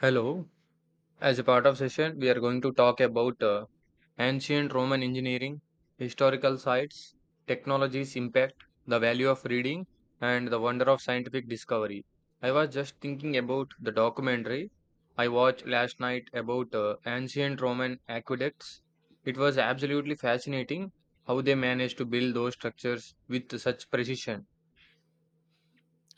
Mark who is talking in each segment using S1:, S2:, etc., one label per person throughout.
S1: Hello. As a part of session, we are going to talk about ancient Roman engineering, historical sites, technology's impact, the value of reading, and the wonder of scientific discovery. I was just thinking about the documentary I watched last night about ancient Roman aqueducts. It was absolutely fascinating how they managed to build those structures with such precision.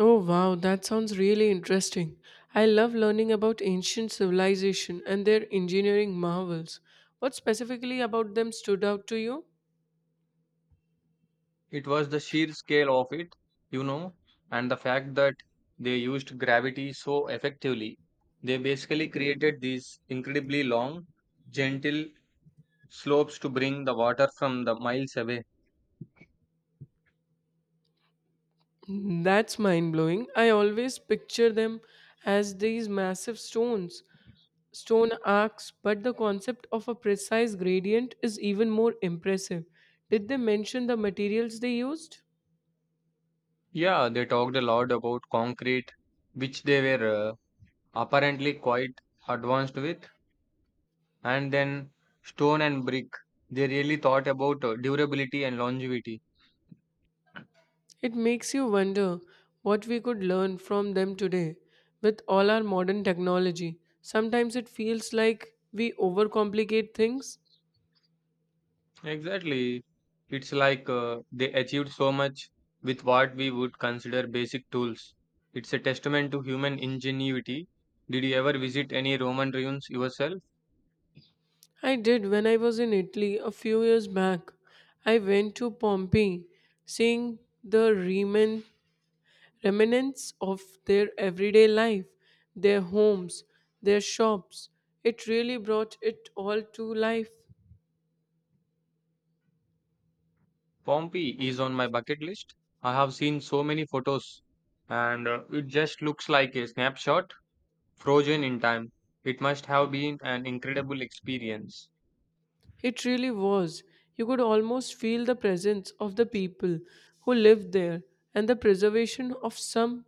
S2: Oh wow, that sounds really interesting. I love learning about ancient civilization and their engineering marvels. What specifically about them stood out to you?
S1: It was the sheer scale of it, you know, and the fact that they used gravity so effectively. They basically created these incredibly long, gentle slopes to bring the water from the miles away.
S2: That's mind blowing. I always picture them as these massive stones, stone arcs, but the concept of a precise gradient is even more impressive. Did they mention the materials they used?
S1: Yeah, they talked a lot about concrete, which they were apparently quite advanced with, and then stone and brick. They really thought about durability and longevity.
S2: It makes you wonder what we could learn from them today with all our modern technology. Sometimes it feels like we overcomplicate things.
S1: Exactly. It's like they achieved so much with what we would consider basic tools. It's a testament to human ingenuity. Did you ever visit any Roman ruins yourself?
S2: I did when I was in Italy a few years back. I went to Pompeii, seeing the remnants of their everyday life, their homes, their shops. It really brought it all to life.
S1: Pompeii is on my bucket list. I have seen so many photos, and it just looks like a snapshot frozen in time. It must have been an incredible experience.
S2: It really was. You could almost feel the presence of the people who lived there, and the preservation of some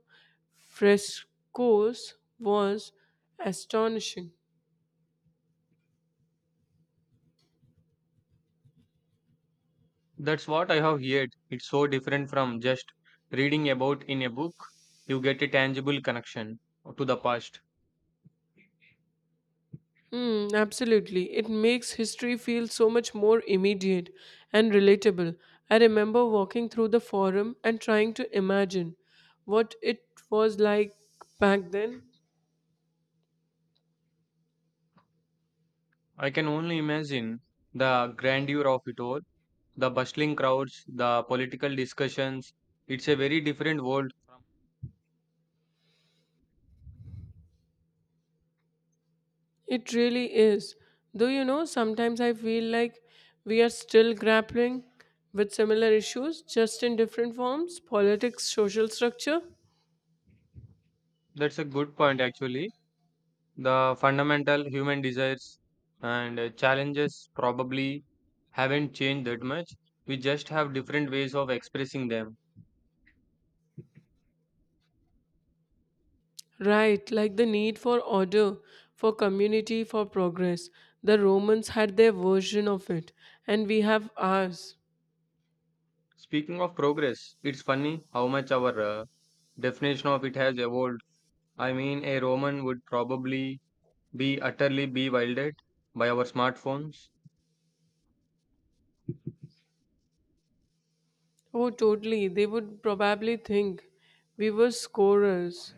S2: frescoes was astonishing.
S1: That's what I have heard. It's so different from just reading about in a book. You get a tangible connection to the past.
S2: Mm, absolutely. It makes history feel so much more immediate and relatable. I remember walking through the forum and trying to imagine what it was like back then.
S1: I can only imagine the grandeur of it all, the bustling crowds, the political discussions. It's a very different world.
S2: It really is. Though you know, sometimes I feel like we are still grappling with similar issues, just in different forms politics, social structure.
S1: That's a good point, actually. The fundamental human desires and challenges probably haven't changed that much. We just have different ways of expressing them.
S2: Right, like the need for order, for community, for progress. The Romans had their version of it, and we have ours.
S1: Speaking of progress, it's funny how much our definition of it has evolved. I mean, a Roman would probably be utterly bewildered by our smartphones.
S2: Oh, totally. They would probably think we were scorers.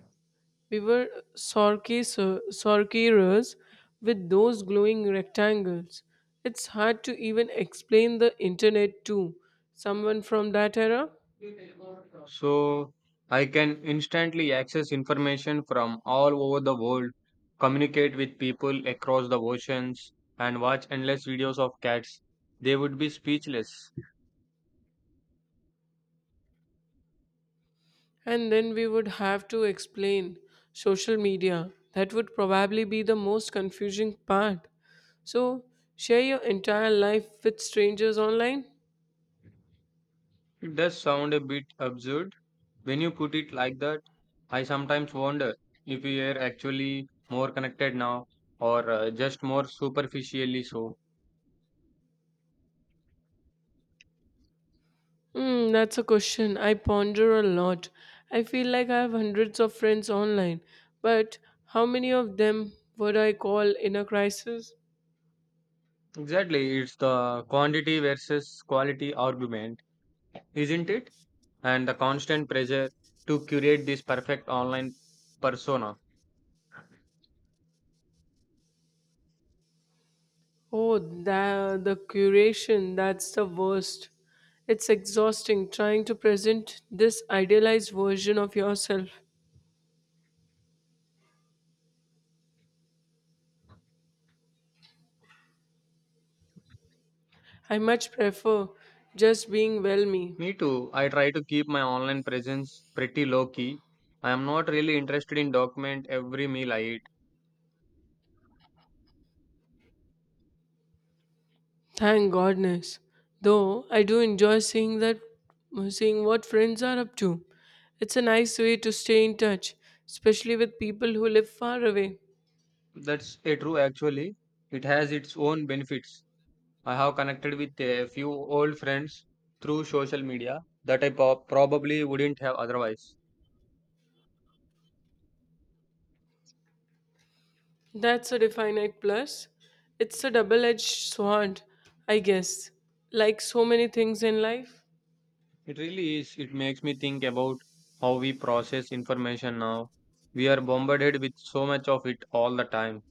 S2: We were sorcerers with those glowing rectangles. It's hard to even explain the internet to someone from that era.
S1: So I can instantly access information from all over the world, communicate with people across the oceans, and watch endless videos of cats. They would be speechless.
S2: And then we would have to explain social media. That would probably be the most confusing part. So, share your entire life with strangers online?
S1: It does sound a bit absurd when you put it like that. I sometimes wonder if we are actually more connected now or just more superficially so.
S2: Hmm, that's a question I ponder a lot. I feel like I have hundreds of friends online, but how many of them would I call in a crisis?
S1: Exactly, it's the quantity versus quality argument, isn't it? And the constant pressure to curate this perfect online persona.
S2: Oh, the curation, that's the worst. It's exhausting trying to present this idealized version of yourself. I much prefer just being well me.
S1: Me too, I try to keep my online presence pretty low key. I am not really interested in document every meal I eat.
S2: Thank goodness. Though I do enjoy seeing what friends are up to. It's a nice way to stay in touch, especially with people who live far away.
S1: That's a true actually. It has its own benefits. I have connected with a few old friends through social media that probably wouldn't have otherwise.
S2: That's a definite plus. It's a double-edged sword, I guess. Like so many things in life.
S1: It really is. It makes me think about how we process information now. We are bombarded with so much of it all the time.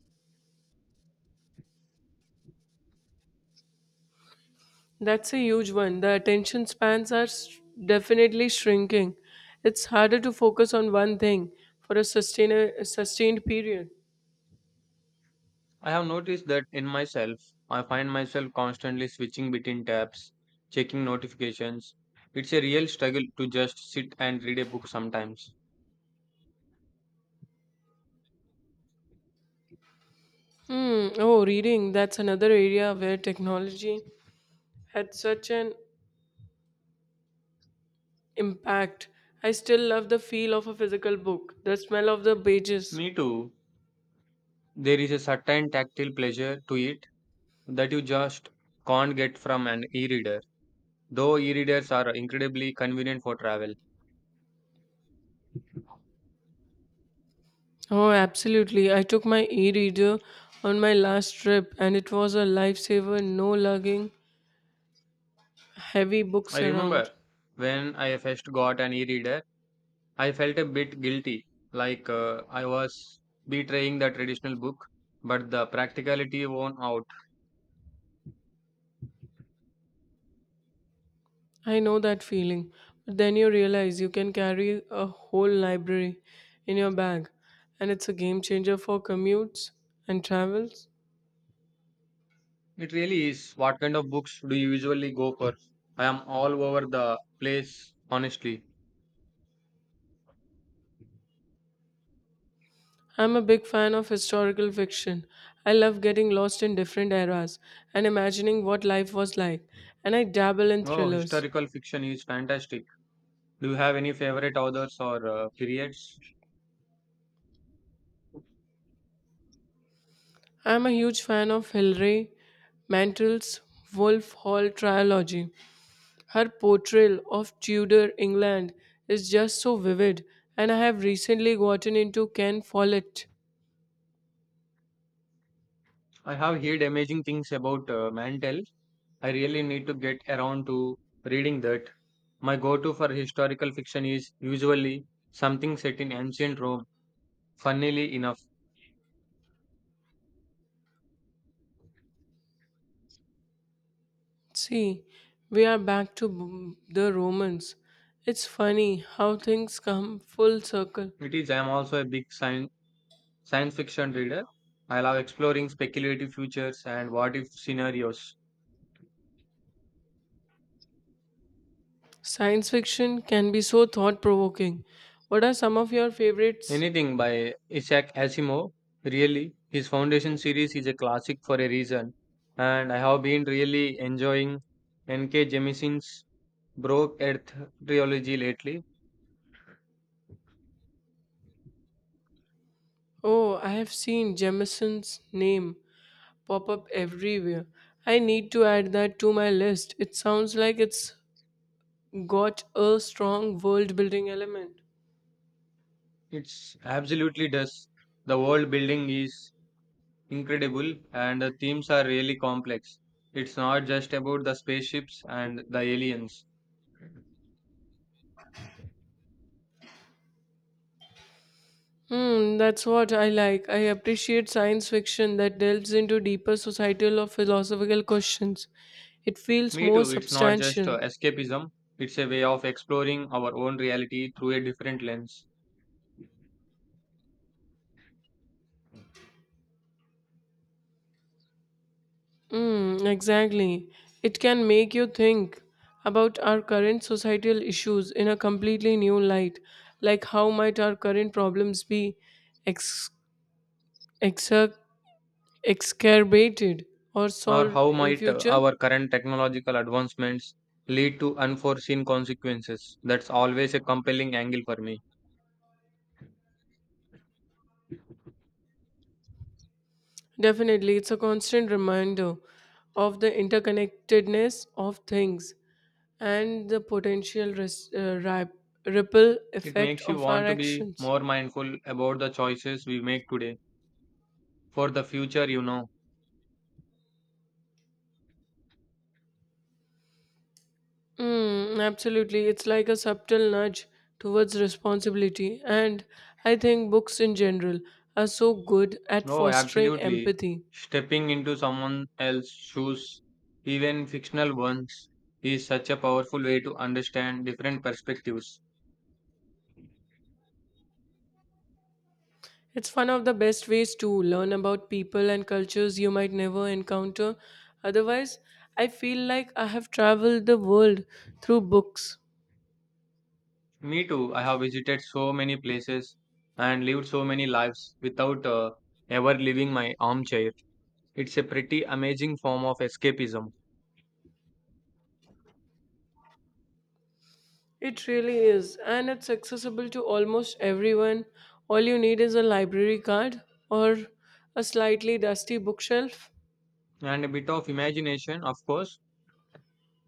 S2: That's a huge one. The attention spans are definitely shrinking. It's harder to focus on one thing for a sustained period.
S1: I have noticed that in myself, I find myself constantly switching between tabs, checking notifications. It's a real struggle to just sit and read a book sometimes.
S2: Hmm. Oh, reading. That's another area where technology had such an impact. I still love the feel of a physical book, the smell of the pages.
S1: Me too. There is a certain tactile pleasure to it that you just can't get from an e reader, though e readers are incredibly convenient for travel.
S2: Oh, absolutely. I took my e reader on my last trip, and it was a lifesaver no lugging heavy books
S1: I
S2: around.
S1: remember when I first got an e reader, I felt a bit guilty, like I was betraying the traditional book, but the practicality won out.
S2: I know that feeling. But then you realize you can carry a whole library in your bag, and it's a game changer for commutes and travels.
S1: It really is. What kind of books do you usually go for? I am all over the place, honestly.
S2: I'm a big fan of historical fiction. I love getting lost in different eras and imagining what life was like, and I dabble in
S1: Oh,
S2: thrillers.
S1: historical fiction is fantastic. Do you have any favorite authors or periods?
S2: I'm a huge fan of Hilary Mantel's Wolf Hall trilogy. Her portrayal of Tudor England is just so vivid, and I have recently gotten into Ken Follett.
S1: I have heard amazing things about Mantel. I really need to get around to reading that. My go to for historical fiction is usually something set in ancient Rome. Funnily enough,
S2: See, we are back to the Romans. It's funny how things come full circle.
S1: it is. I am also a big science fiction reader. I love exploring speculative futures and what if scenarios.
S2: Science fiction can be so thought provoking. What are some of your favorites?
S1: Anything by Isaac Asimov, really. His Foundation series is a classic for a reason, and I have been really enjoying N.K. Jemison's Broke Earth trilogy lately.
S2: Oh, I have seen Jemisin's name pop up everywhere. I need to add that to my list. It sounds like it's got a strong world building element.
S1: It's absolutely does. The world building is incredible, and the themes are really complex. It's not just about the spaceships and the aliens.
S2: Hmm, that's what I like. I appreciate science fiction that delves into deeper societal or philosophical questions. It feels
S1: Me
S2: more
S1: too, it's not just
S2: substantial.
S1: escapism, it's a way of exploring our own reality through a different lens.
S2: Mm, exactly. It can make you think about our current societal issues in a completely new light, like how might our current problems be ex- exer- exacerbated or
S1: Or
S2: solved
S1: how
S2: in
S1: might
S2: future?
S1: our current technological advancements lead to unforeseen consequences? That's always a compelling angle for me.
S2: Definitely, it's a constant reminder of the interconnectedness of things and the potential ripple
S1: It
S2: effect
S1: makes you
S2: of our
S1: want to be
S2: actions.
S1: more mindful about the choices we make today for the future, you know.
S2: Mm, absolutely. It's like a subtle nudge towards responsibility. And I think books in general are so good at
S1: Oh,
S2: fostering
S1: absolutely.
S2: empathy.
S1: Stepping into someone else's shoes, even fictional ones, is such a powerful way to understand different perspectives.
S2: It's one of the best ways to learn about people and cultures you might never encounter. Otherwise, I feel like I have traveled the world through books.
S1: Me too, I have visited so many places and lived so many lives without ever leaving my armchair. It's a pretty amazing form of escapism
S2: It really is, and it's accessible to almost everyone. All you need is a library card or a slightly dusty bookshelf.
S1: and a bit of imagination, of course.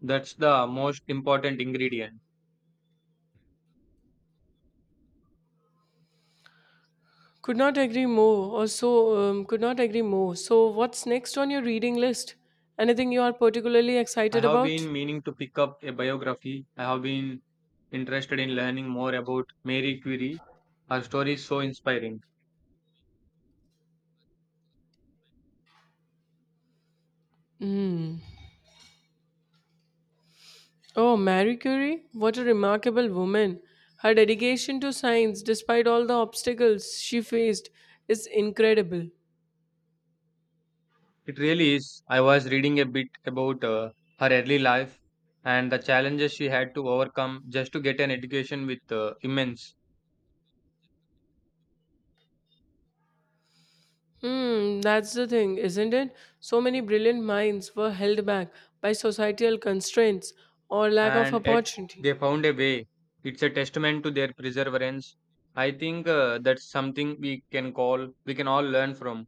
S1: That's the most important ingredient.
S2: Could not agree more, or so, could not agree more. So, what's next on your reading list? Anything you are particularly
S1: I
S2: excited
S1: have
S2: about?
S1: been meaning to pick up a biography. I have been interested in learning more about Mary Curie. Her story is so inspiring.
S2: Mm. Oh, Marie Curie? What a remarkable woman. Her dedication to science, despite all the obstacles she faced, is incredible.
S1: It really is. I was reading a bit about her early life and the challenges she had to overcome just to get an education with immense
S2: Hmm, that's the thing, isn't it? So many brilliant minds were held back by societal constraints or lack of
S1: and yet
S2: opportunity.
S1: they found a way. It's a testament to their perseverance. I think that's something we can all learn from.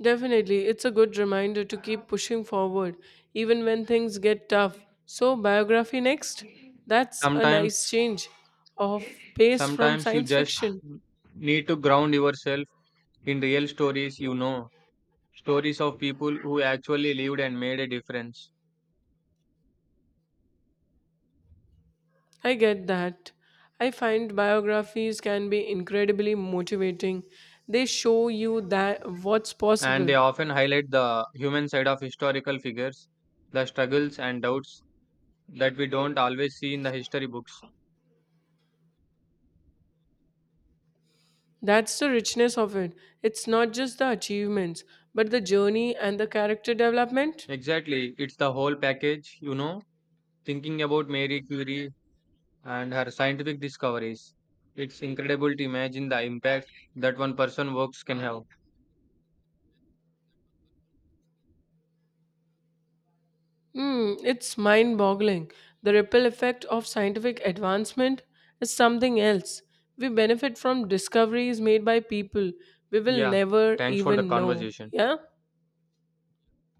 S2: Definitely, it's a good reminder to keep pushing forward even when things get tough. So, biography next? That's a
S1: Sometimes,
S2: nice change of pace from
S1: sometimes you
S2: science
S1: just
S2: fiction.
S1: need to ground yourself in real stories you know, stories of people who actually lived and made a difference.
S2: I get that. I find biographies can be incredibly motivating. They show you that what's
S1: And
S2: possible.
S1: they often highlight the human side of historical figures, the struggles and doubts that we don't always see in the history books.
S2: That's the richness of it. It's not just the achievements, but the journey and the character development.
S1: Exactly, it's the whole package, you know, thinking about Mary Curie, and her scientific discoveries. It's incredible to imagine the impact that one person works can have.
S2: Hmm, it's mind boggling. The ripple effect of scientific advancement is something else. We benefit from discoveries made by people we will
S1: Yeah,
S2: never
S1: thanks for the
S2: even know.
S1: conversation.
S2: Yeah?